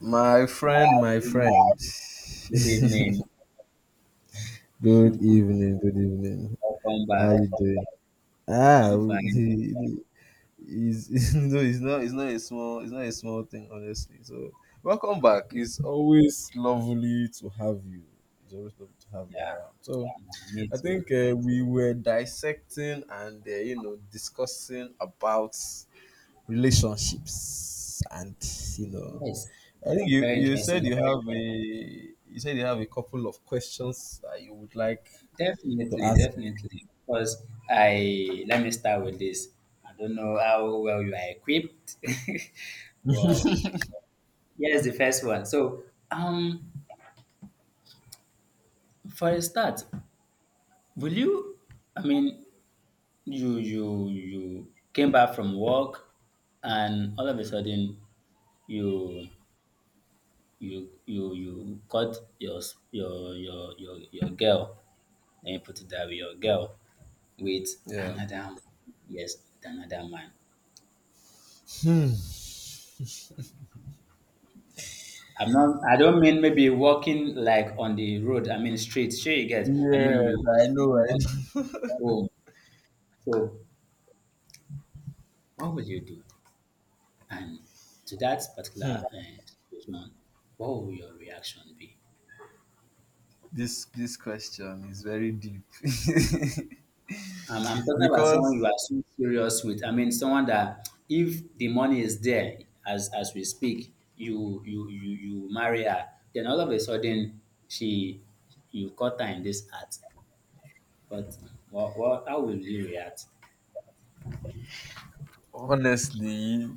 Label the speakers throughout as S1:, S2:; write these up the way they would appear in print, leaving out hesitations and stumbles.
S1: My friend, my
S2: Good
S1: friend.
S2: evening.
S1: Good evening, good evening.
S2: Welcome
S1: How
S2: back.
S1: you doing? Ah,
S2: I'm fine.
S1: he, he's, no, it's not a small, it's not a small thing, honestly. So, welcome back. It's always lovely to have you. It's always lovely to have you
S2: Yeah,
S1: around. So,
S2: yeah, me
S1: I think
S2: too.
S1: we were dissecting and discussing about relationships and you know
S2: Yes,
S1: I think you,
S2: very
S1: you said you
S2: interesting.
S1: have a you said you have a couple of questions that you would like to
S2: Definitely,
S1: ask.
S2: definitely. Because I Let me start with this. I don't know how well you are equipped, but here's the first one. So, um, for a start, will you? I mean, you came back from work, and all of a sudden you you cut your s- your girl, let you put it that way, your girl with
S1: Yeah.
S2: another man. Yes, with another man.
S1: Hmm.
S2: I don't mean maybe walking, like, on the road. I mean, street. Sure, you get. I
S1: Yes,
S2: mean, you
S1: I know. I
S2: walk
S1: know.
S2: home. So what will you do? And to that
S1: Hmm.
S2: particular situation, what will your reaction be?
S1: This question is very deep.
S2: I'm talking about someone
S1: Because
S2: you are so serious with. I mean, someone that if the money is there, as we speak, you marry her. Then all of a sudden, she you caught her in this act. But what, how will you react?
S1: honestly,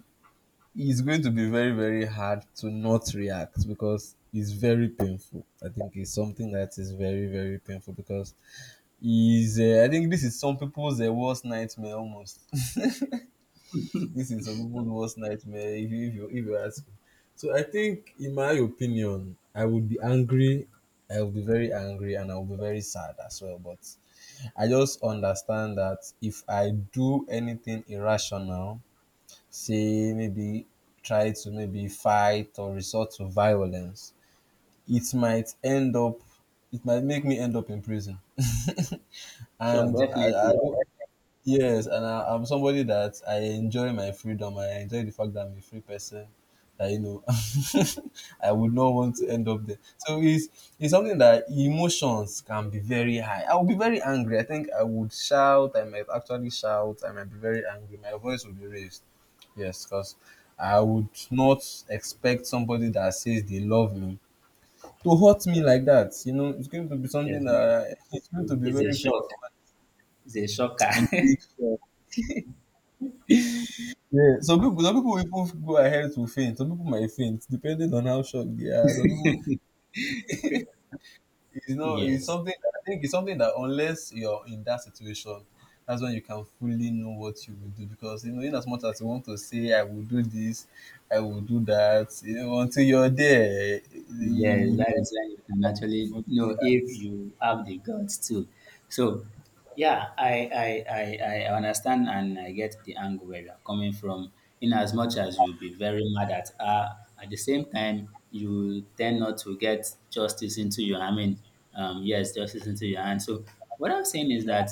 S1: it's going to be very very hard to not react because it's very painful. I think it's something that is very very painful because is I think this is some people's worst nightmare almost. This is some people's worst nightmare if you ask me. So I think, in my opinion, I would be angry. I would be very angry and I would be very sad as well. But I just understand that if I do anything irrational, say maybe try to maybe fight or resort to violence, it might end up, it might make me end up in prison.
S2: Sure,
S1: And I
S2: definitely,
S1: don't. Yes, and I'm somebody that I enjoy my freedom. I enjoy the fact that I'm a free person. That you know, I would not want to end up there. So it's something that emotions can be very high. I will be very angry. I think I would shout. I might actually shout. I might be very angry. My voice will be raised. Yes, because I would not expect somebody that says they love me to hurt me like that. You know, it's going to be something
S2: definitely.
S1: that
S2: It,
S1: it's going to
S2: it-
S1: be
S2: it's a
S1: very
S2: shock.
S1: painful.
S2: It's a
S1: It
S2: shocker.
S1: takes yeah, some people, even go ahead to faint. Some people might faint, depending on how shocked they are. Some people, it's not, it's
S2: Yes.
S1: something. I think it's something that unless you're in that situation, that's when you can fully know what you will do. Because you know, in as much as you want to say, "I will do this, I will do that," you know, until you're there, you
S2: Yes,
S1: will not.
S2: that is when you can actually
S1: Fully-
S2: know if you have the guts too. So, yeah, I understand and I get the angle where you're coming from. In as much as you'll be very mad at her, at the same time, you tend not to get justice into your, I mean, yes, justice into your hand. So, what I'm saying is that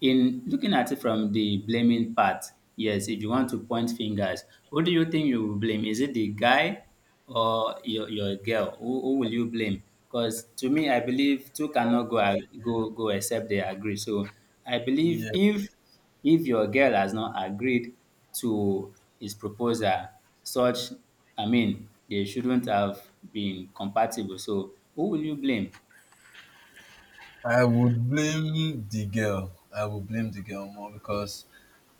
S2: in looking at it from the blaming part, yes, if you want to point fingers, who do you think you will blame? Is it the guy or your girl? Who will you blame? Because to me, I believe two cannot go a- go go except they agree. So I believe
S1: yeah.
S2: if your girl has not agreed to his proposal, such, I mean, they shouldn't have been compatible. So who will you blame?
S1: I would blame the girl. I would blame the girl more because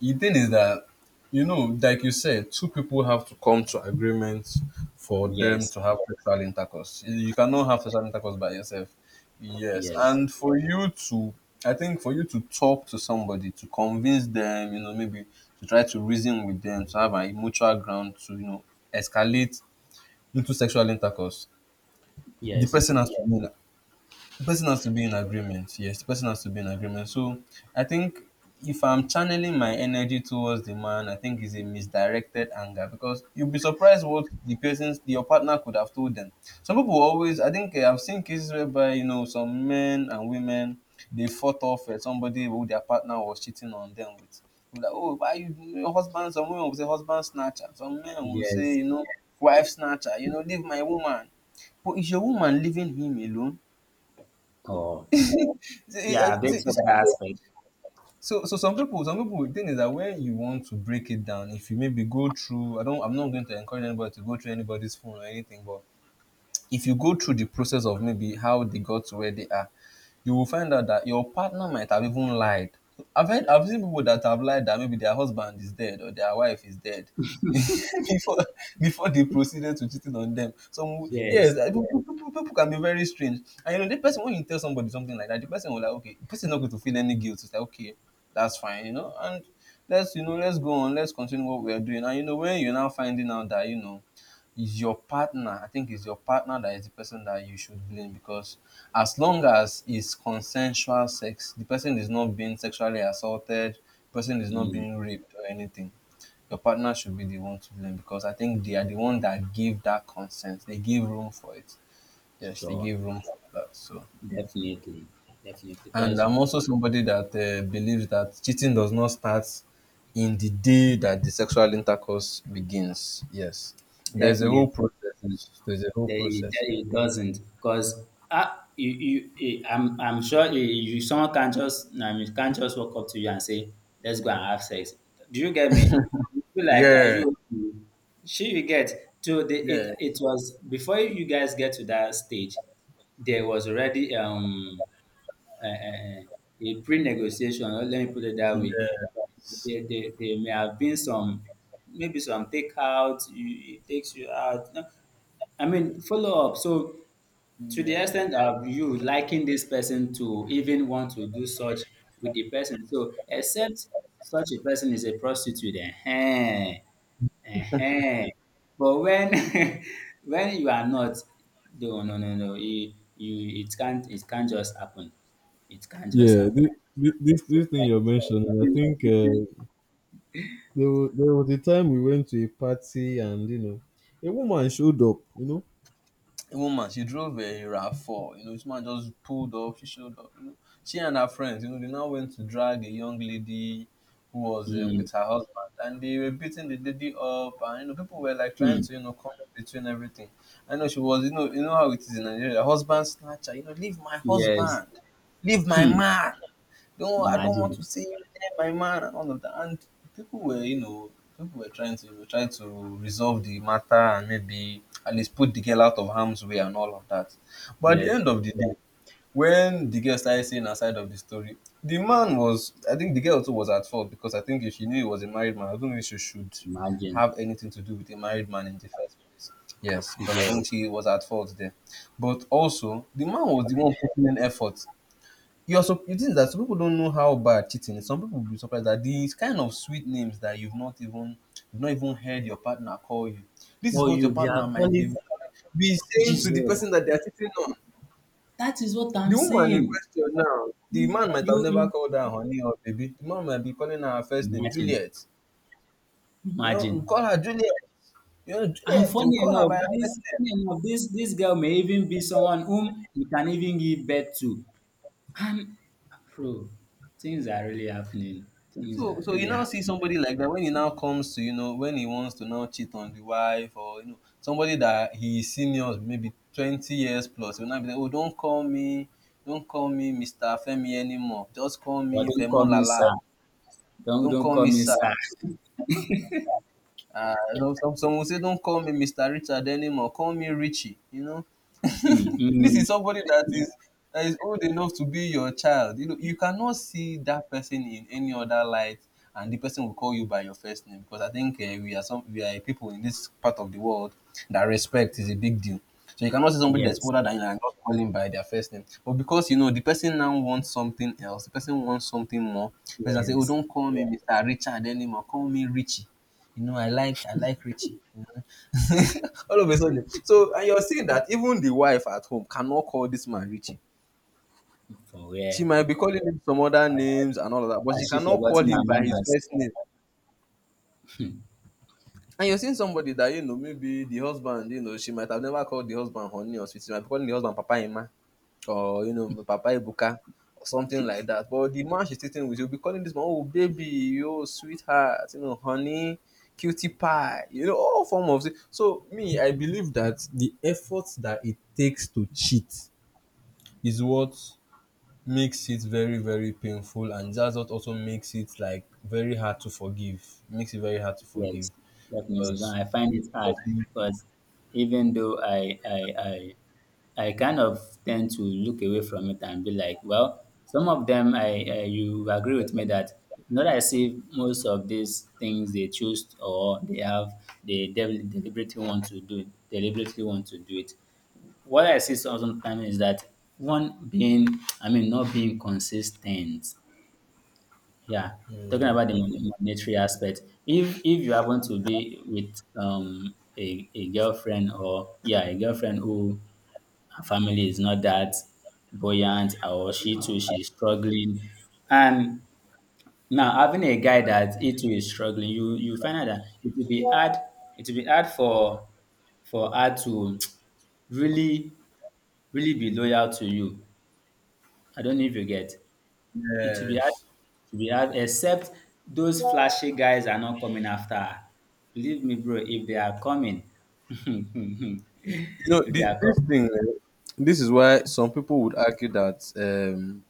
S1: the thing is that you know, like you said, two people have to come to agreement for them
S2: Yes,
S1: to have sexual intercourse. You cannot have sexual intercourse by yourself. Yes,
S2: yes,
S1: and for you to, I think for you to talk to somebody to convince them, you know, maybe to try to reason with them to have a mutual ground to you know escalate into sexual intercourse. The
S2: yes,
S1: person has to yeah, win the person has to be in agreement. Yes, the person has to be in agreement. So I think if I'm channeling my energy towards the man, I think it's a misdirected anger because you'll be surprised what the person's your partner could have told them. Some people always, I think I've seen cases whereby you know some men and women they fought off somebody who their partner was cheating on them with. They'll be like, oh, why you your husband? Some women will say husband snatcher. Some men will say
S2: yes.
S1: you know wife snatcher. You know, leave my woman. But is your woman leaving him alone?
S2: Oh.
S1: See,
S2: Yeah,
S1: eh, eh, see,
S2: that's of the
S1: so,
S2: aspect.
S1: so some people the thing is that when you want to break it down if you maybe go through I'm not going to encourage anybody to go through anybody's phone or anything but if you go through the process of maybe how they got to where they are, you will find out that your partner might have even lied. I've seen people that have lied that maybe their husband is dead or their wife is dead before before they proceeded to cheating on them. So
S2: Yes.
S1: yes, I- people, people, people can be very strange. And you know, the person when you tell somebody something like that, the person will like, okay, the person is not going to feel any guilt. It's like okay, that's fine, you know. And let's you know, let's go on, let's continue what we are doing. And you know, when you're now finding out that you know is your partner. I think it's your partner that is the person that you should blame because as long as it's consensual sex, the person is not being sexually assaulted, the person is not
S2: Mm,
S1: being raped or anything. Your partner should be the one to blame because I think they are the one that give that consent. They give room for it. Yes, they
S2: sure.
S1: give room for that. So
S2: Definitely. Definitely.
S1: and
S2: Because
S1: I'm also somebody that believes that cheating does not start in the day that the sexual intercourse begins. Yes, there's a whole
S2: definitely
S1: process.
S2: doesn't.
S1: There's a whole
S2: It,
S1: process.
S2: it doesn't. Because eh, I'm sure, eh, someone can not just, I mean, can't just walk up to you and say, let's go and have sex. Do you get me? You feel like, are
S1: Yeah,
S2: you okay? You get. To the,
S1: yeah,
S2: it was, Before you guys get to that stage, there was already uh, a pre-negotiation, or let me put it that way.
S1: yeah,
S2: There may have been some, maybe some takeout, it takes you out. No, I mean, follow up. So to the
S1: yeah.
S2: extent of you liking this person to even want to do such with the person. So, except such a person is a prostitute, eh? eh But when when you are not, no, no, no, no, it can't just happen. It can't just
S1: Yeah,
S2: happen.
S1: this, this
S2: So,
S1: this thing
S2: like
S1: you're
S2: you said,
S1: mentioning, I
S2: cheating,
S1: think
S2: cheating.
S1: there was a time we went to a party and you know, a woman showed up, you know, a woman she drove a RAV4. You know, this man just pulled up. She showed up, you know, she and her friends, you know, they now went to drag a young lady who was
S2: Mm,
S1: with her husband and they were beating the lady up and you know people were like trying
S2: mm,
S1: to you know come in between everything. I know she was you know how it is in Nigeria. Husband snatcher, you know, leave my
S2: yes.
S1: husband, leave my
S2: Hmm.
S1: man. Don't I don't want
S2: Imagine.
S1: to see you there, my man, and all of that. And people were, you know, people were trying to resolve the matter and maybe at least put the girl out of harm's way and all of that. But at the
S2: Yes.
S1: end of the day, when the girl started saying her side of the story, the man was I think the girl too was at fault because I think if she knew he was a married man, I don't know if she should
S2: Imagine.
S1: have anything to do with a married man in the first place. Yes, because I think
S2: Yes.
S1: she was at fault there. But also, the man was the one putting in effort. You're so the thing that some people don't know how bad cheating is. Some people will be surprised that these kind of sweet names that you've not even heard your partner call you. This is
S2: Oh,
S1: what your
S2: they are
S1: partner might
S2: calling
S1: be saying to the
S2: Jesus.
S1: person that they're cheating on.
S2: That is what
S1: The
S2: I'm
S1: woman in
S2: saying.
S1: question now, the
S2: You
S1: man might have never
S2: you
S1: called her honey or baby. The man might be calling her her first
S2: you
S1: name,
S2: imagine,
S1: Juliet. You know, we
S2: imagine.
S1: call her Juliet. You know,
S2: And
S1: Juliet, you
S2: funny
S1: call her
S2: enough,
S1: by her first
S2: this
S1: name.
S2: funny enough, this this girl may even be someone whom you can even give birth to. And bro, things are really happening. Things
S1: So,
S2: are
S1: so you
S2: really
S1: now see
S2: happening.
S1: somebody like that when he now comes to you know when he wants to now cheat on the wife or you know somebody that he is senior maybe 20 years plus. He will now be like oh don't call me Mr. Femi anymore, just call
S2: But
S1: me
S2: don't call me
S1: Femolala,
S2: sir. Don't
S1: don't
S2: don't
S1: call
S2: call
S1: me
S2: me
S1: sir.
S2: sir.
S1: Some, some will say, don't call me Mr. Richard anymore. Call me Richie. You know,
S2: Mm,
S1: this is
S2: mm.
S1: somebody that is old enough to be your child. You know, you cannot see that person in any other light, and the person will call you by your first name because I think we are some we are people in this part of the world that respect is a big deal. So you cannot see somebody that's
S2: Yes,
S1: older than you and not call him by their first name. But because you know the person now wants something else, the person wants something more. The person say, "Oh,
S2: yes.
S1: don't call me Mister Richard anymore. Call me Richie." You know, I like Richie. You know? All of a sudden. So and you're saying that even the wife at home cannot call this man Richie.
S2: For
S1: She
S2: where?
S1: might be calling him some other names and all of that, but she
S2: Has she
S1: cannot call
S2: forgotten her
S1: him by his
S2: manners?
S1: first name. And you're seeing somebody that you know, maybe the husband, you know, she might have never called the husband honey or sweet. She might be calling the husband Papa Emma, or you know Papa Ibuka or something like that. But the man she's sitting with, you'll be calling this man, oh baby, oh sweetheart, you know, honey, cutie pie, you know, all form of it. So me, I believe that the effort that it takes to cheat is what makes it very, very painful and that's what also makes it like very hard to forgive. Makes it very hard to forgive.
S2: Yes, definitely. So
S1: Because,
S2: I find it hard
S1: because,
S2: because even though I kind of tend to look away from it and be like, well, some of them I you agree with me that it's not as if most of these things they choose or they have they del- deliberately want to do, it. What I see, sometimes, is that one being, I mean, not being consistent. Yeah, talking about the monetary aspect, if you happen to be with a girlfriend, or, yeah, a girlfriend who her family is not that buoyant, or she too, she's struggling, and now having a guy that he too is struggling, you find out that it will be hard for her to really really be loyal to you. I don't know if you get. It will be hard.
S1: yes.
S2: It will be hard. Except those flashy guys are not coming after her. Believe me, bro. If they are coming, if
S1: You know,
S2: they are
S1: this
S2: coming,
S1: thing this is why some people would argue that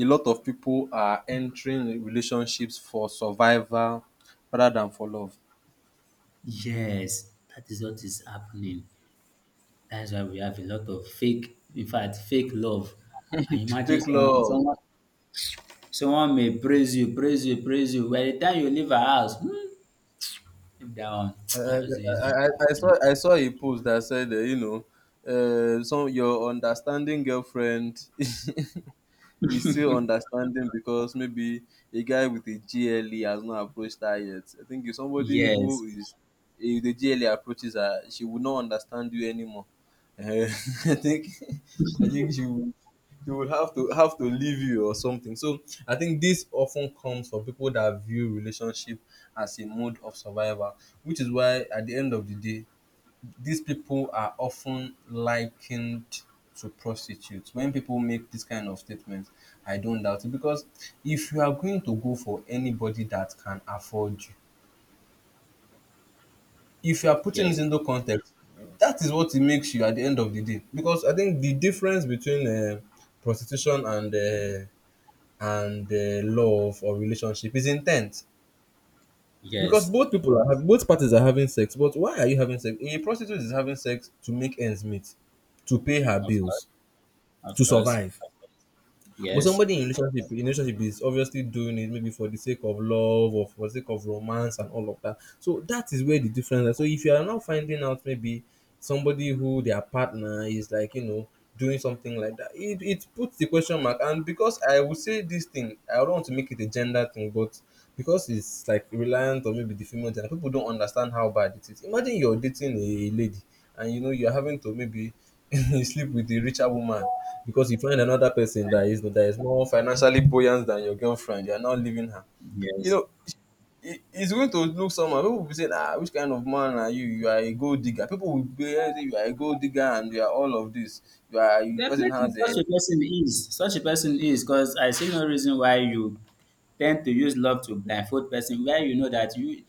S1: a lot of people are entering relationships for survival rather than for love.
S2: yes, that is what is happening. That is why we have a lot of fake. In fact, fake love. And imagine
S1: Fake
S2: someone,
S1: love.
S2: someone, someone may praise you, praise you, praise you. By the time you leave her house, hmm, if they are on,
S1: I,
S2: what's the use of asking?
S1: I saw a post that said, you know, some your understanding girlfriend is still understanding because maybe a guy with a GLE has not approached her yet. I think if somebody
S2: Yes,
S1: who is if the GLE approaches her, she would not understand you anymore. Eh, I think she would have to leave you or something. So I think this often comes for people that view relationship as a mode of survival, which is why at the end of the day, these people are often likened to prostitutes. When people make this kind of statement, I don't doubt it because if you are going to go for anybody that can afford you, if you are putting it
S2: yes,
S1: into context, that is what it makes you at the end of the day. Because I think the difference between prostitution and love or relationship is intent. Because
S2: yes.
S1: both people are having, both parties are having sex, but why are you having sex? A prostitute is having sex to make ends meet, to pay her
S2: Of course,
S1: bills, to
S2: of course.
S1: survive. But
S2: Yes,
S1: somebody in relationship is obviously doing it maybe for the sake of love or for the sake of romance and all of that. So that is where the difference is. So if you are now finding out maybe somebody who their partner is like, you know, doing something like that, it puts the question mark. And because I would say this thing, I don't want to make it a gender thing, but because it's like reliant on maybe the female gender, people don't understand how bad it is. Imagine you're dating a lady and you know you're having to maybe you sleep with the richer woman because you find another person that is more financially buoyant than your girlfriend. You're not leaving her. You
S2: yes.
S1: know, it's going to look somehow. People will be saying, ah, which kind of man are you? You are a gold digger. People will be saying, you are a gold digger and you are all of this. You are a person
S2: Definitely,
S1: has a
S2: such a person is. Such a person is, because I see no reason why you tend to use love to blindfold person where you know that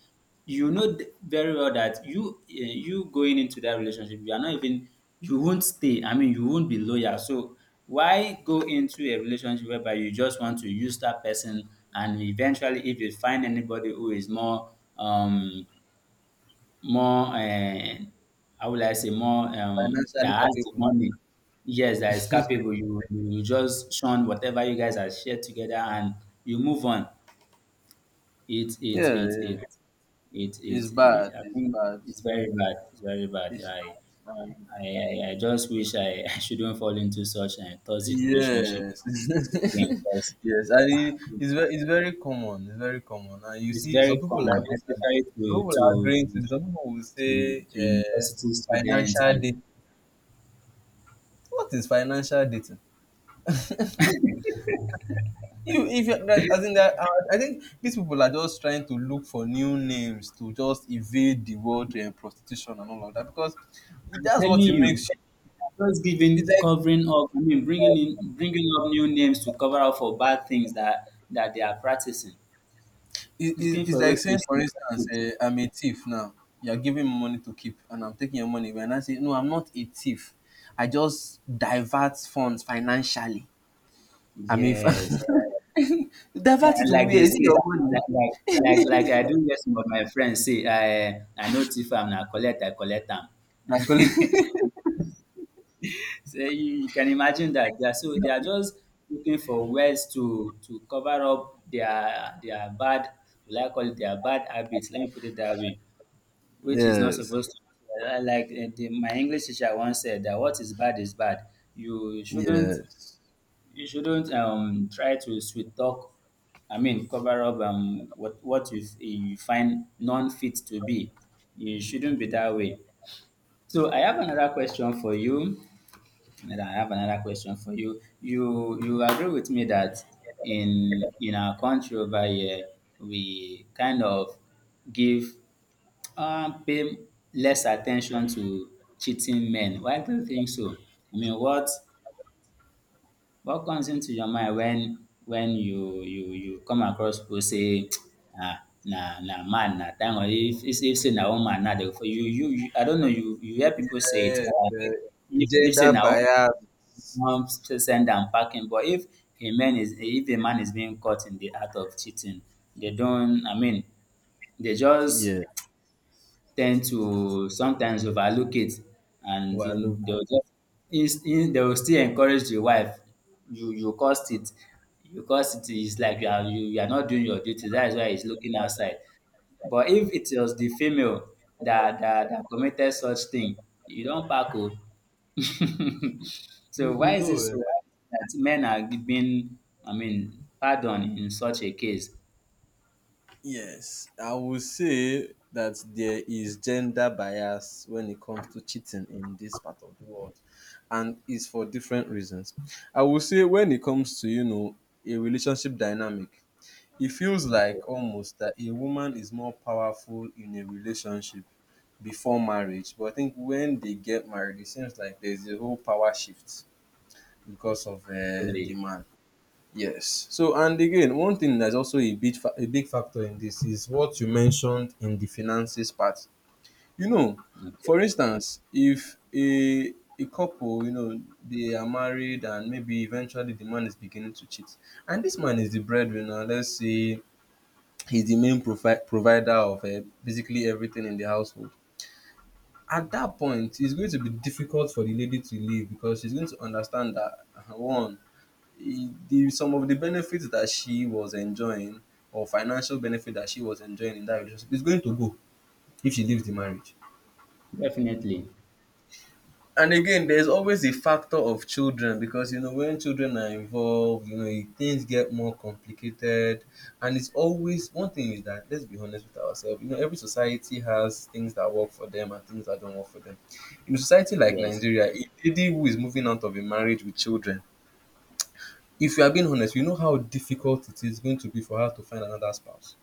S2: you know very well that you, you going into that relationship, you are not even, you won't stay. I mean, you won't be loyal. So why go into a relationship whereby you just want to use that person and eventually if you find anybody who is more, um more, how will I say, more,
S1: financially
S2: that has the
S1: capable.
S2: money. Yes, that is capable. You just shun whatever you guys are shared together, and you move on. It it
S1: Yeah,
S2: it
S1: yeah.
S2: it it
S1: It's
S2: it, it
S1: bad.
S2: I
S1: It's
S2: think
S1: bad.
S2: it's very bad. It's very bad.
S1: It's
S2: I
S1: bad.
S2: I, I, I just wish I, I shouldn't fall into such a toxic relationship
S1: Yes,
S2: again, because
S1: yes, and it's very common. It's very common, and you
S2: it's
S1: see, some
S2: very
S1: people are
S2: common,
S1: some
S2: especially to to
S1: agreeing to.
S2: to,
S1: Some people will say,
S2: to, to university students.
S1: financial
S2: And
S1: dating. What is financial dating? You, if you, I think that, I think these people are just trying to look for new names to just evade the word prostitution and all of that because
S2: I'm
S1: that's
S2: telling
S1: what it makes
S2: you,
S1: you.
S2: just
S1: It's
S2: giving,
S1: like
S2: covering up, I mean, bringing in, bringing up new names to cover up for bad things that they are practicing. Looking
S1: it's
S2: for a way
S1: like
S2: to
S1: saying, for
S2: sneak up
S1: instance,
S2: it.
S1: I'm a thief now. You're giving me money to keep, and I'm taking your money. And I say, no, I'm not a thief. I just divert funds financially. I mean, divert
S2: Yes,
S1: it
S2: and
S1: to
S2: like
S1: where?
S2: they
S1: Is it your
S2: say,
S1: money?
S2: like like like I do hear some of my friends say, I know thief am na collect I collect am.
S1: Na collect-
S2: So you can imagine that they are, so they are just looking for ways to cover up their bad, will I call it their bad habits? Let me put it that way. Which is not
S1: yes,
S2: supposed to, like, my English teacher once said that what is bad is bad. You shouldn't
S1: yes,
S2: you shouldn't try to sweet talk, I mean, cover up, what you find non-fit to be. You shouldn't be that way. So I have another question for you. And i have another question for you you you agree with me that in our country over here, we kind of give, pay less attention to cheating men? Why do you think so? I mean, what comes into your mind when you come across people say ah, na man na time, or if say na woman na dey for you, you I don't know, you hear people say it,
S1: yes. eh,
S2: if say
S1: gender
S2: na woman,
S1: bias.
S2: send am packing. But if a man is, being caught in the act of cheating, they don't, I mean, they just
S1: Yeah.
S2: tend to sometimes overlook it, and
S1: Overlook.
S2: they will just ins in they will still encourage the wife, "You caused it, you caused it." It's like you are not doing your duty, that is why he's looking outside. But if it was the female that committed such thing, you don't pack up.
S1: You,
S2: So
S1: you
S2: why is it
S1: know, eh,
S2: so? Why is it that men are being, I mean, pardoned in such a case?
S1: Yes, I would say that there is gender bias when it comes to cheating in this part of the world, and it's for different reasons. I would say when it comes to you know a relationship dynamic, it feels like almost that a woman is more powerful in a relationship before marriage, but I think when they get married, it seems like there's a whole power shift because of the
S2: Really?
S1: man. Yes. So, and again, one thing that's also a big a big factor in this is what you mentioned in the finances part. You know,
S2: Okay,
S1: for instance, if a couple, you know, they are married and maybe eventually the man is beginning to cheat, and this man is the breadwinner. Let's say he's the main provider of basically everything in the household. At that point, it's going to be difficult for the lady to leave because she's going to understand that one, eh, the some of the benefits that she was enjoying or financial benefit that she was enjoying in that relationship is going to go if she leaves the marriage.
S2: definitely,
S1: And again, there's always a factor of children because you know when children are involved, you know things get more complicated, and it's always one thing is that let's be honest with ourselves. You know, every society has things that work for them and things that don't work for them. In a society like
S2: yes.
S1: Nigeria, a lady who is moving out of a marriage with children, if you are being honest, you know how difficult it is going to be for her to find another spouse.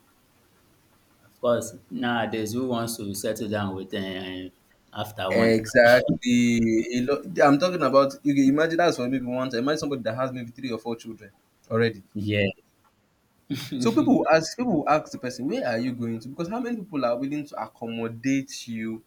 S2: Of course, nowadays, who wants to settle down with, after one?
S1: Exactly. A lot, I'm talking about you can imagine that's for maybe one time. Imagine somebody that has maybe three or four children already.
S2: Yes,
S1: So people will ask the person, where are you going to? Because how many people are willing to accommodate you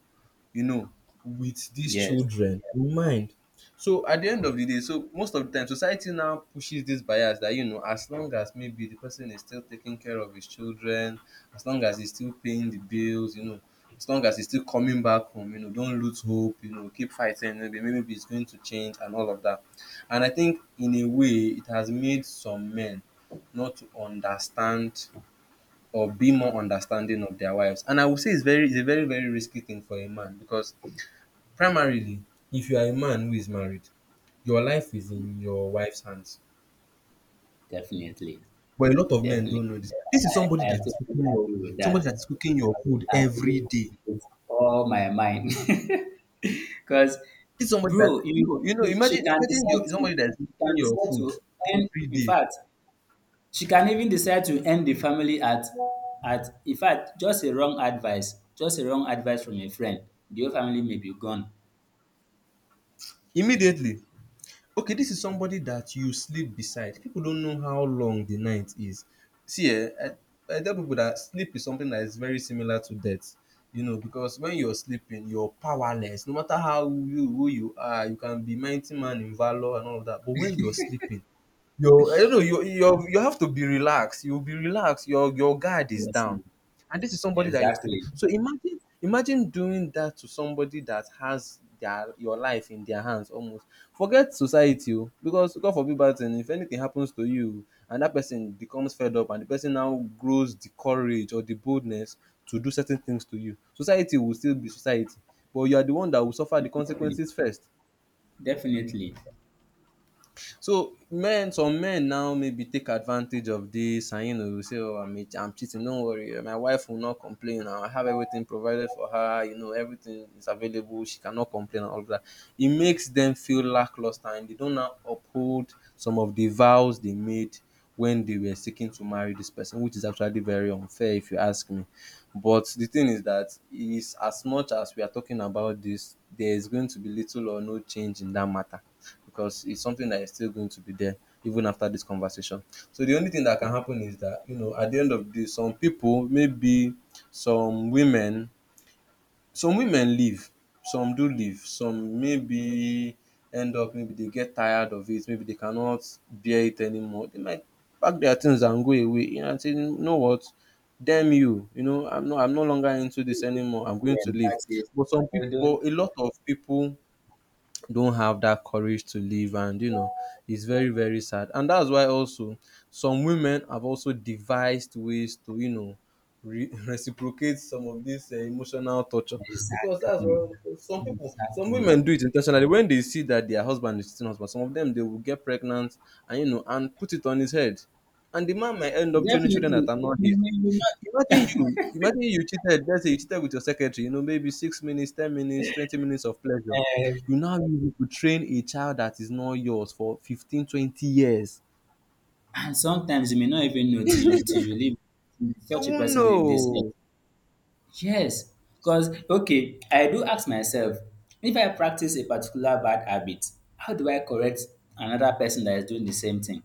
S1: you know, with these
S2: yes,
S1: children in mind. So at the end of the day, so most of the time, society now pushes this bias that you know, as long as maybe the person is still taking care of his children, as long as he's still paying the bills, you know, as long as he's still coming back home, you know, don't lose hope, you know, keep fighting, maybe it's going to change and all of that. And I think in a way, it has made some men not to understand or be more understanding of their wives. And I would say it's a very, very risky thing for a man because primarily, if you are a man who is married, your life is in your wife's hands.
S2: definitely,
S1: But a lot of men
S2: definitely.
S1: don't know this. This is somebody
S2: I
S1: that is
S2: totally
S1: cooking your
S2: agree with that.
S1: somebody that is cooking your food
S2: I
S1: every
S2: agree
S1: day.
S2: with all my mind. Because,
S1: This is somebody that
S2: bro,
S1: you know,
S2: she can
S1: imagine
S2: decide
S1: your
S2: to,
S1: somebody that is cooking
S2: can
S1: your
S2: decide
S1: food
S2: to end.
S1: every
S2: In
S1: day.
S2: fact, she can even decide to end the family at at. In fact, just a wrong advice, from a friend, the whole family may be gone.
S1: Immediately okay, this is somebody that you sleep beside. People don't know how long the night is. See, I tell people that sleep is something that is very similar to death. You know, because when you're sleeping, you're powerless. No matter how you who you are, you can be mighty man in valor and all of that. But when you're sleeping, your I don't know, you have to be relaxed. You'll be relaxed. Your guard is
S2: Yes.
S1: down. And this is somebody that you're sleeping.
S2: Exactly.
S1: So imagine doing that to somebody that has their your life in their hands almost. Forget society o, because God forbid bad thing. If anything happens to you and that person becomes fed up and the person now grows the courage or the boldness to do certain things to you, society will still be society. But you are the one that will suffer the
S2: Definitely.
S1: consequences first.
S2: Definitely.
S1: So men, some men now maybe take advantage of this and you know say, oh, I'm cheating, don't worry, eh, my wife will not complain. I have everything provided for her, you know, everything is available, she cannot complain and all of that. It makes them feel lackluster and they don't now uphold some of the vows they made when they were seeking to marry this person, which is actually very unfair if you ask me. But the thing is that is as much as we are talking about this, there is going to be little or no change in that matter because it's something that is still going to be there even after this conversation. So the only thing that can happen is that you know at the end of the day, some people, maybe some women, some women leave, some do leave, some maybe end up maybe they get tired of it, maybe they cannot bear it anymore. They might pack their things and go away you know, and say, you know what, damn you, you know, I'm no longer into this anymore. I'm going
S2: Yes,
S1: to leave.
S2: that is.
S1: But some people,
S2: Although,
S1: a lot of people don't have that courage to live and it's very, very sad, and that's why also some women have also devised ways to reciprocate some of this emotional torture, because that's
S2: exactly.
S1: what some people some
S2: Exactly.
S1: women do it intentionally. When they see that their husband is cheating, husband, some of them they will get pregnant and and put it on his head, and the man might end up training children that
S2: Definitely.
S1: are not his.
S2: You may you
S1: Imagine
S2: not.
S1: you imagine you cheated, let's say you cheated with your secretary, you know, maybe 6 minutes, 10 minutes, 20 minutes of pleasure.
S2: uh,
S1: You now use it to train a child that is not yours for 15, 20 years.
S2: and sometimes you may not even know till you leave,
S1: You
S2: such a
S1: won't
S2: person leave this earth.
S1: know.
S2: Yes, because okay, I do ask myself if I practice a particular bad habit, how do I correct another person that is doing the same thing?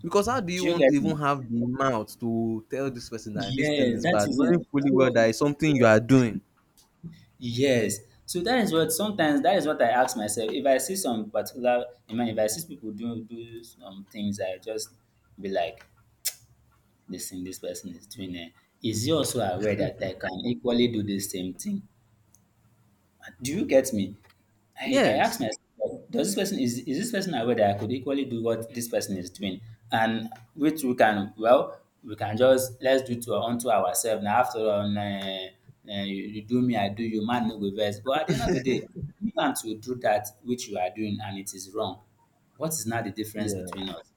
S1: Because how do you
S2: Do you
S1: want to
S2: get
S1: even
S2: me?
S1: have the mouth to tell this person that this thing
S2: Yes,
S1: is
S2: that
S1: bad,
S2: is it.
S1: knowing fully well
S2: So.
S1: that it's something you are doing?
S2: Yes. So that is what I ask myself. If I see some particular, I mean, if I see people do some things, I just be like, listen, this person is doing it. Is he also aware that I can equally do the same thing? Do you get me? I asked
S1: Yes.
S2: myself, like, does this person is this person aware that I could equally do what this person is doing? And which we can just let's do to unto ourselves. Now after all, you do me, I do you, man no go vex. But at the end of the day, you want to do that which you are doing and it is wrong. What is now the difference between
S1: Yes.
S2: us?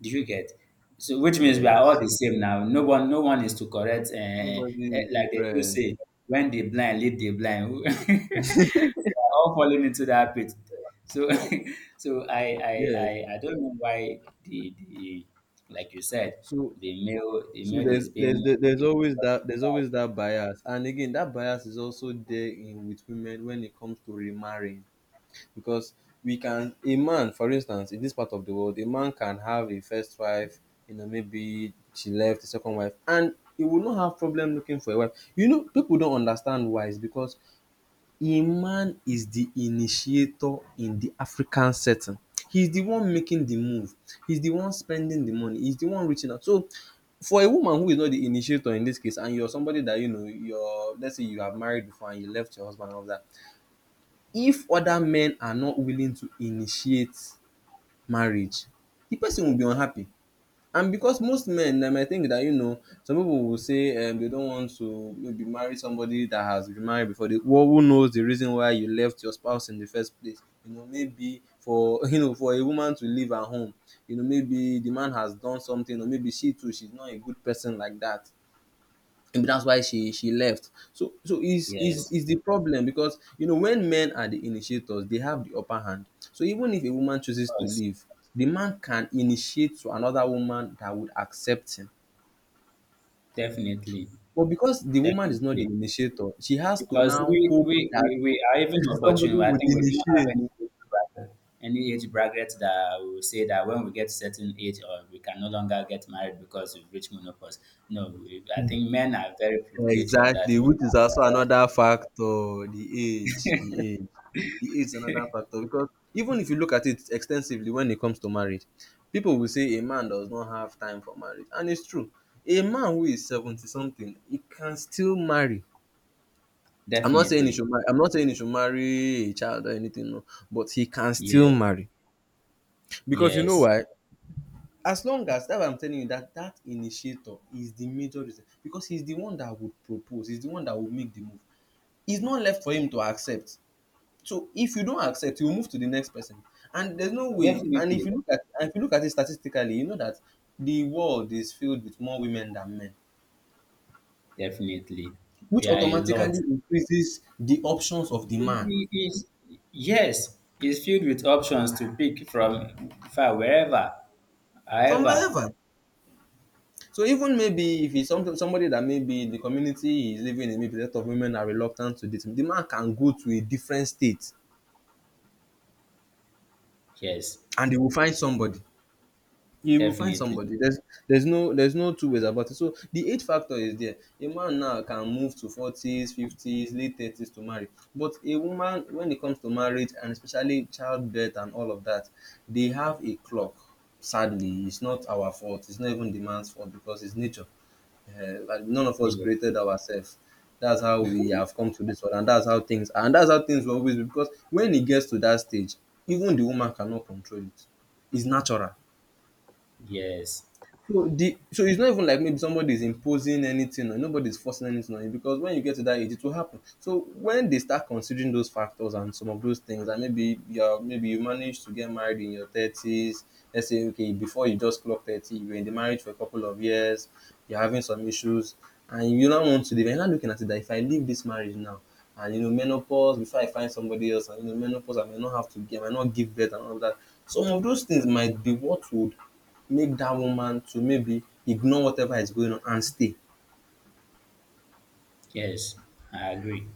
S2: Do you get? So which means we are all
S1: Yes.
S2: the same now. No one is to correct. Uh, eh,
S1: Nobody is
S2: like they do
S1: different.
S2: say, when the blind lead the blind, we are all falling into that pit. So, so I, I,
S1: Yes.
S2: I don't know why the like you said,
S1: So
S2: the male, the
S1: So,
S2: male is being,
S1: there's always that bias, and again that bias is also there in with women when it comes to remarrying, because we can a man, for instance, in this part of the world, a man can have a first wife, maybe she left, the second wife, and he will not have problem looking for a wife. People don't understand why. It's because a man is the initiator in the African setting. He's the one making the move. He's the one spending the money. He's the one reaching out. So for a woman who is not the initiator in this case, and you're somebody that you know you're let's say you have married before and you left your husband and all that, if other men are not willing to initiate marriage, the person will be unhappy. And because most men, I think that some people will say, they don't want to maybe marry somebody that has been married before. They, well, who knows the reason why you left your spouse in the first place? You know, maybe for for a woman to leave her home, maybe the man has done something, or maybe she too she's not a good person like that. Maybe that's why she left. So is is
S2: yes,
S1: is the problem, because when men are the initiators, they have the upper hand. So even if a woman
S2: of
S1: chooses to
S2: course,
S1: leave, the man can initiate to another woman that would accept him.
S2: definitely,
S1: But because the woman is not the
S2: definitely.
S1: initiator, she has to
S2: Because
S1: now
S2: we,
S1: hope
S2: we,
S1: that
S2: we, we are even
S1: somebody
S2: opportune. I
S1: would
S2: think we don't have
S1: initiate.
S2: any age bracket that will say that when we get certain age or we can no longer get married because we've reached menopause. No, I think men are very privileged in that.
S1: Exactly,
S2: We can
S1: which is also
S2: sort-
S1: another factor, the age, the age. The age is another factor because even if you look at it extensively when it comes to marriage, people will say a man does not have time for marriage. And it's true. A man who is 70 something, he can still marry. I'm not saying he
S2: Definitely.
S1: should marry, I'm not saying he should marry a child or anything, no, but he can still
S2: Yes.
S1: marry. Because you know
S2: Yes.
S1: why? As long as, that's why I'm telling you that that initiator is the major reason, because he's the one that would propose, he's the one that would make the move. It's not left for him to accept. So if you don't accept, you move to the next person. And there's no way. And if you
S2: Definitely.
S1: look at, it statistically, you know that the world is filled with more women than men,
S2: Definitely.
S1: which
S2: There are a
S1: automatically
S2: lot.
S1: increases the options of the
S2: It-
S1: man,
S2: it is- yes, it's filled with options to pick from far wherever,
S1: from
S2: however.
S1: wherever. So even maybe if it's somebody that maybe the community is living in, maybe a lot of women are reluctant to date him, the man can go to a different state
S2: Yes,
S1: and they will find somebody. You will find
S2: definitely.
S1: somebody. There's no two ways about it. So the age factor is there. A man now can move to 40s, 50s, late 30s to marry. But a woman, when it comes to marriage and especially childbirth and all of that, they have a clock. Sadly, it's not our fault. It's not even the man's fault, because it's nature. Like, none of us
S2: Yes,
S1: created ourselves. That's how we have come to this world, and that's how things are, and that's how things will always be. Because when it gets to that stage, even the woman cannot control it. It's natural.
S2: yes,
S1: So it's not even like maybe somebody is imposing anything, or nobody's forcing anything on you, because when you get to that age, it will happen. So when they start considering those factors and some of those things, and maybe you manage to get married in your 30s. Let's say, okay, before you just clock 30, you were in the marriage for a couple of years, you're having some issues, and you don't want to leave. You're not looking at it that if I leave this marriage now, and menopause before I find somebody else, and menopause, I may not have to give, I may not give birth and all that. Some of those things might be what would make that woman to maybe ignore whatever is going on and stay.
S2: yes. I agree.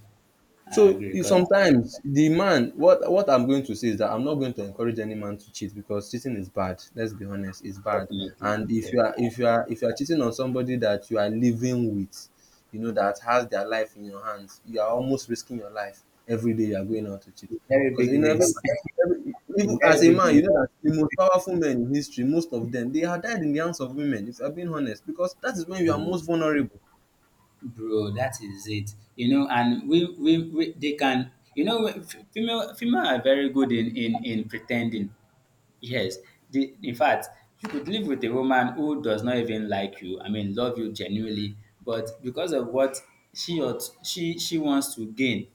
S2: I
S1: So
S2: agree because
S1: sometimes the man, what I'm going to say is that I'm not going to encourage any man to cheat, because cheating is bad. Let's be honest, it's bad.
S2: definitely,
S1: And if you
S2: um,
S1: are if you are if you are cheating on somebody that you are living with, you know, that has their life in your hands, you are almost risking your life every day you are going out to cheat.
S2: a very
S1: Because you
S2: big
S1: know
S2: risk,
S1: every
S2: a
S1: even as
S2: very
S1: a
S2: big
S1: man, you
S2: risk,
S1: know that the most powerful men in history, most of them, they are died in the hands of women. If I'm being honest, because that is when you are
S2: bro.
S1: most vulnerable.
S2: Bro, that is it. You know, and we they can. You know, female are very good in pretending. Yes, in fact, you could live with a woman who does not even like you. I mean, love you genuinely, but because of what she wants to gain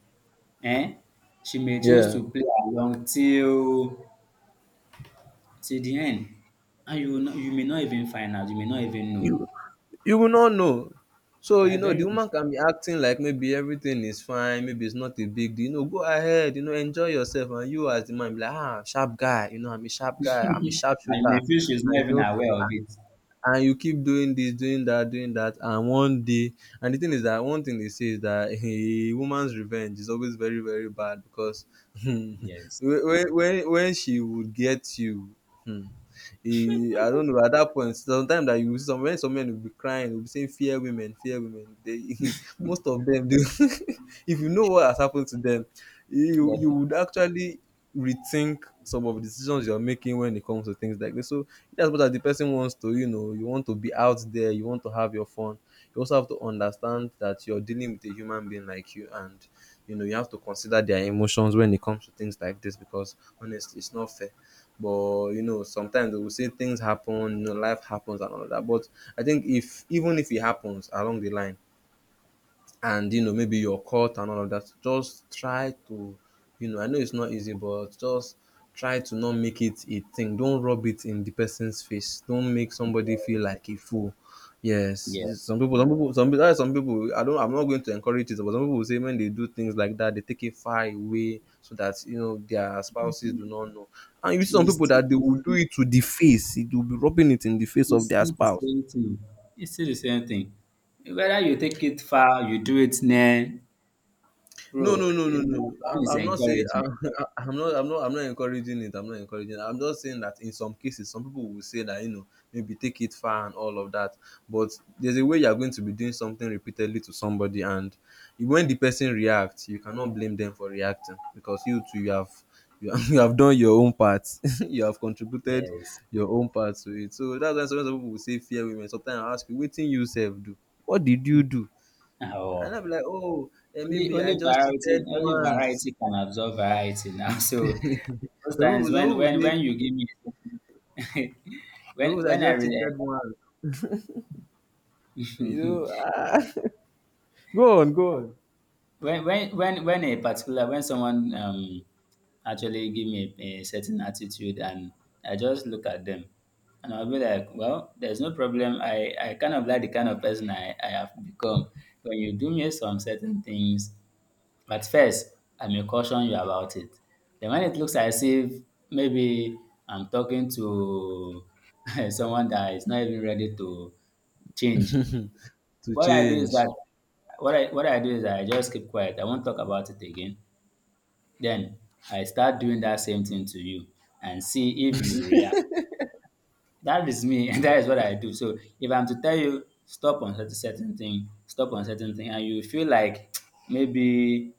S2: um She may choose
S1: Yeah,
S2: to play along till the end, and you will not, you may not even find out, you may not even know.
S1: you you will not know. So
S2: They are
S1: the
S2: very
S1: woman can be acting like maybe everything is fine, maybe it's not a big deal. Go ahead, enjoy yourself, and you as the man be like, ah, sharp guy. I'm a sharp guy. I'm a sharp
S2: and you
S1: shooter,
S2: may feel she's
S1: and
S2: not
S1: you
S2: even
S1: know,
S2: aware of it.
S1: and you keep doing this, doing that, and one day, and the thing is that one thing they say is that a woman's revenge is always very, very bad, because when
S2: Yes,
S1: when she would get you. Hmm, I don't know, at that point sometimes, that you will see some men will be crying, will be saying "fear women, fear women." They most of them do. If you know what has happened to them, you
S2: definitely.
S1: would actually rethink some of the decisions you are making when it comes to things like this. So, in as the person wants to, you want to be out there, you want to have your fun, you also have to understand that you're dealing with a human being like you, and, you have to consider their emotions when it comes to things like this, because honestly, it's not fair. But sometimes they will say things happen, life happens and all of that. But I think, if even if it happens along the line, and maybe your cult and all of that, just try to I know it's not easy, but just try to not make it a thing. Don't rub it in the person's face. Don't make somebody feel
S2: Yes.
S1: like a fool. Yes,
S2: Yeah.
S1: yes, some people, that's why some people, I'm not going to encourage it, but some people will say when they do things like that, they take it far away so that their spouses do not know. And you see some
S2: It's
S1: people
S2: still
S1: that they
S2: the
S1: will do
S2: same
S1: it to the face, it will be rubbing it in the face of
S2: it's
S1: their
S2: still the
S1: spouse.
S2: same thing. It's still the same thing. Whether you take it far, you do it near,
S1: No,
S2: bro,
S1: no, no, no, no.
S2: One
S1: I'm,
S2: is
S1: I'm not saying
S2: encouraging.
S1: I'm not encouraging it. I'm not encouraging it. I'm just saying that in some cases, some people will say that maybe take it far and all of that. But there's a way you are going to be doing something repeatedly to somebody, and when the person reacts, you cannot blame them for reacting, because you too you have done your own part. You have contributed
S2: Yes.
S1: your own part to it. So that's why sometimes some people will say fear women. Sometimes I ask you, what thing you self do? What did you do? And
S2: Oh.
S1: I'll be like, oh,
S2: Only
S1: maybe I
S2: only
S1: just
S2: variety,
S1: cheated
S2: only variety
S1: once.
S2: can absorb variety now. So
S1: some
S2: most times
S1: people, some
S2: when
S1: people
S2: when
S1: say,
S2: when you give me
S1: some people
S2: when
S1: say, I
S2: when I
S1: just
S2: re-
S1: cheated once. Ah. Go on, go on.
S2: when a particular when someone, actually give me a certain attitude, and I just look at them, and I'll be like, well, there's no problem. I kind of like the kind of person I have become. When you do me some certain things. But first, I may caution you about it. Then when it looks as if maybe I'm talking to someone that is not even ready to change,
S1: To
S2: what I do is
S1: change.
S2: that what I do is that I just keep quiet. I won't talk about it again. Then I start doing that same thing to you and see if you react. That is me, and that is what I do. So if I'm to tell you stop on certain thing, stop on certain thing, and you feel like maybe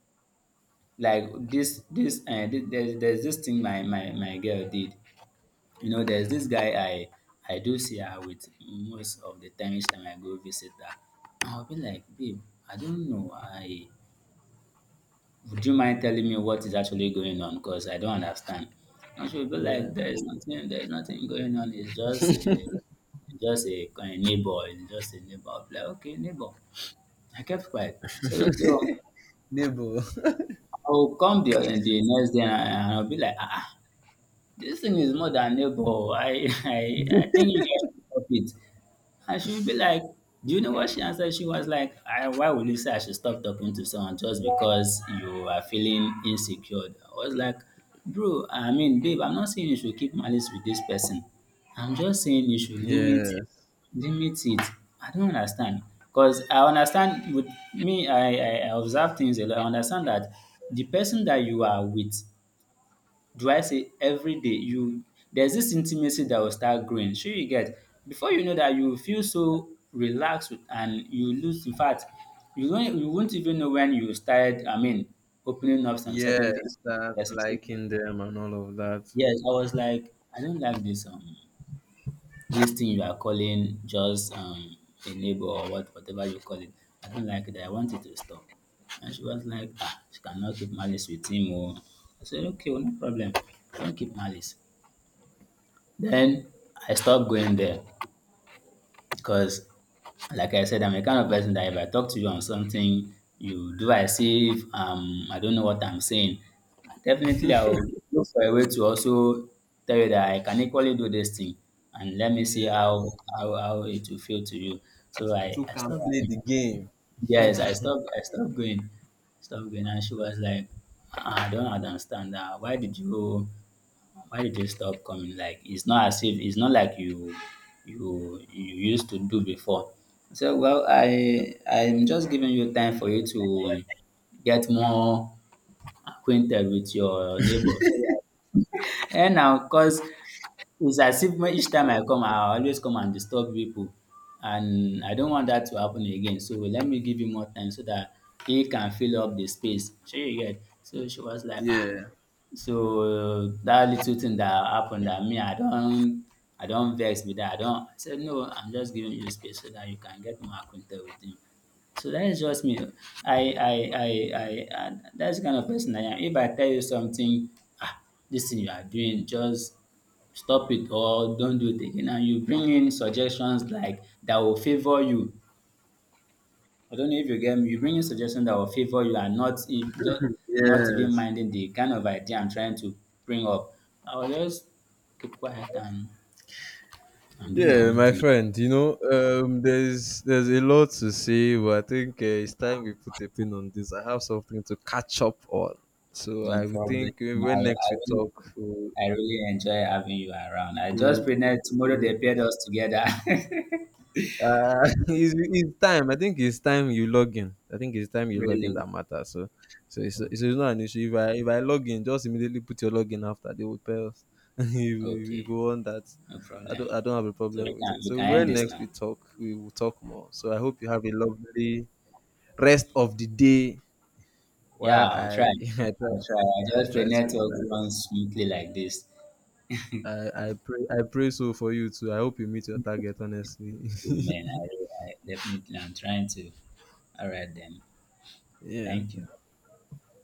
S2: like there's this thing my girl did. You know, there's this guy I do see her with most of the time. Each time I go visit her, I'll be like, babe, I don't know I would you mind telling me what is actually going on, because I don't understand. And she'll be
S1: Yeah.
S2: like, there's nothing going on, it's just a, a neighbor, it's just a neighbor. I'll be like, okay, neighbor. I kept quiet. I said, okay, well,
S1: Neighbor.
S2: I'll come the next day, and I'll be like, ah, ah, this thing is more than neighbor. I I think you guys should stop it. And she would be like, do you know what she answered? She was like, Why would you say I should stop talking to someone just because you are feeling insecure? I was like, bro, I mean, babe, I'm not saying you should keep malice with this person. I'm just saying you should limit
S1: Yes.
S2: limit it. I don't understand. Because I understand with me, I observe things a lot. I understand that the person that you are with, do I say every day, you there's this intimacy that will start growing. Shey you get? Before you know, that you will feel so relaxed with, and you lose, in fact, you won't even know when you started, I mean, opening up some certain
S1: Yes,
S2: things to this
S1: that
S2: person. So
S1: liking them and all of that.
S2: yes, I was like, I don't like this, this thing you are calling just, a neighbor, or whatever you call it. I don't like it. I want it to stop. And she was like, ah, she cannot keep malice with him. Oh. I said, okay, well, no problem. Don't keep malice. Then I stopped going there, because, like I said, I'm a kind of person that if I talk to you on something, you do as if, I don't know what I'm saying. Definitely, I will look for a way to also tell you that I can equally do this thing, and let me see
S1: Yeah.
S2: how it will feel to you. So I,
S1: To
S2: I
S1: can
S2: stopped
S1: play
S2: going.
S1: the game.
S2: Yes, I stopped going. Stopped going, and she was like, "Ah, I don't understand that. Why did it stop coming? Like it's not as if, it's not like you used to do before." I said, well, I'm just giving you time for you to, get more acquainted with your neighbors. And now, cause it's as if, each time I come, I always come and disturb people, and I don't want that to happen again. So let me give you more time so that he can fill up the space. Sure, you get. So she was like, ah,
S1: Yeah.
S2: so that little thing that happened, dat me, I don't vex with that. I don't. I said, no, I'm just giving you space so that you can get more acquainted with him. So that is just me oo. I I I I That's dats kind of person I am. If I tell you something, ah, this thing you are doing, just stop it or don't do it again, and you bring in suggestions like that will favour you, I don't know if you get me. You bring in suggestion that will favor you, and not, if just not even
S1: Yes.
S2: minding the kind of idea I'm trying to bring up, I will just keep quiet, and do my
S1: Yeah,
S2: own
S1: my
S2: thing.
S1: friend, there's a lot to say, but I think it's time we put a pin on this. I have something to catch up on, so
S2: No
S1: I would
S2: problem.
S1: think,
S2: I,
S1: when
S2: I
S1: next we
S2: really
S1: talk, we'll,
S2: I really enjoy having you around. I just pray that tomorrow
S1: we'll,
S2: they paired us together.
S1: It's time. I think it's time you log in. I think it's time you log in
S2: Really?
S1: that matters. So, it's, it's,
S2: Okay.
S1: it's not an issue. If I log in, just immediately put your login after, they will pay us. If, you
S2: Okay.
S1: want that,
S2: No
S1: I don't
S2: problem.
S1: I don't have a
S2: So we
S1: problem with
S2: can
S1: it.
S2: we
S1: So
S2: can end
S1: when
S2: this
S1: next we
S2: now.
S1: talk, we will talk more. So I hope you have a lovely rest of the day
S2: Yeah,
S1: while
S2: I'll try.
S1: I I try
S2: I'll try. I
S1: I
S2: just pray
S1: try to
S2: network
S1: relax.
S2: runs smoothly like this. Amen.
S1: I pray so for you too. I hope you meet your target, honestly.
S2: I definitely, I'm trying to. All right then.
S1: Yeah.
S2: Thank you.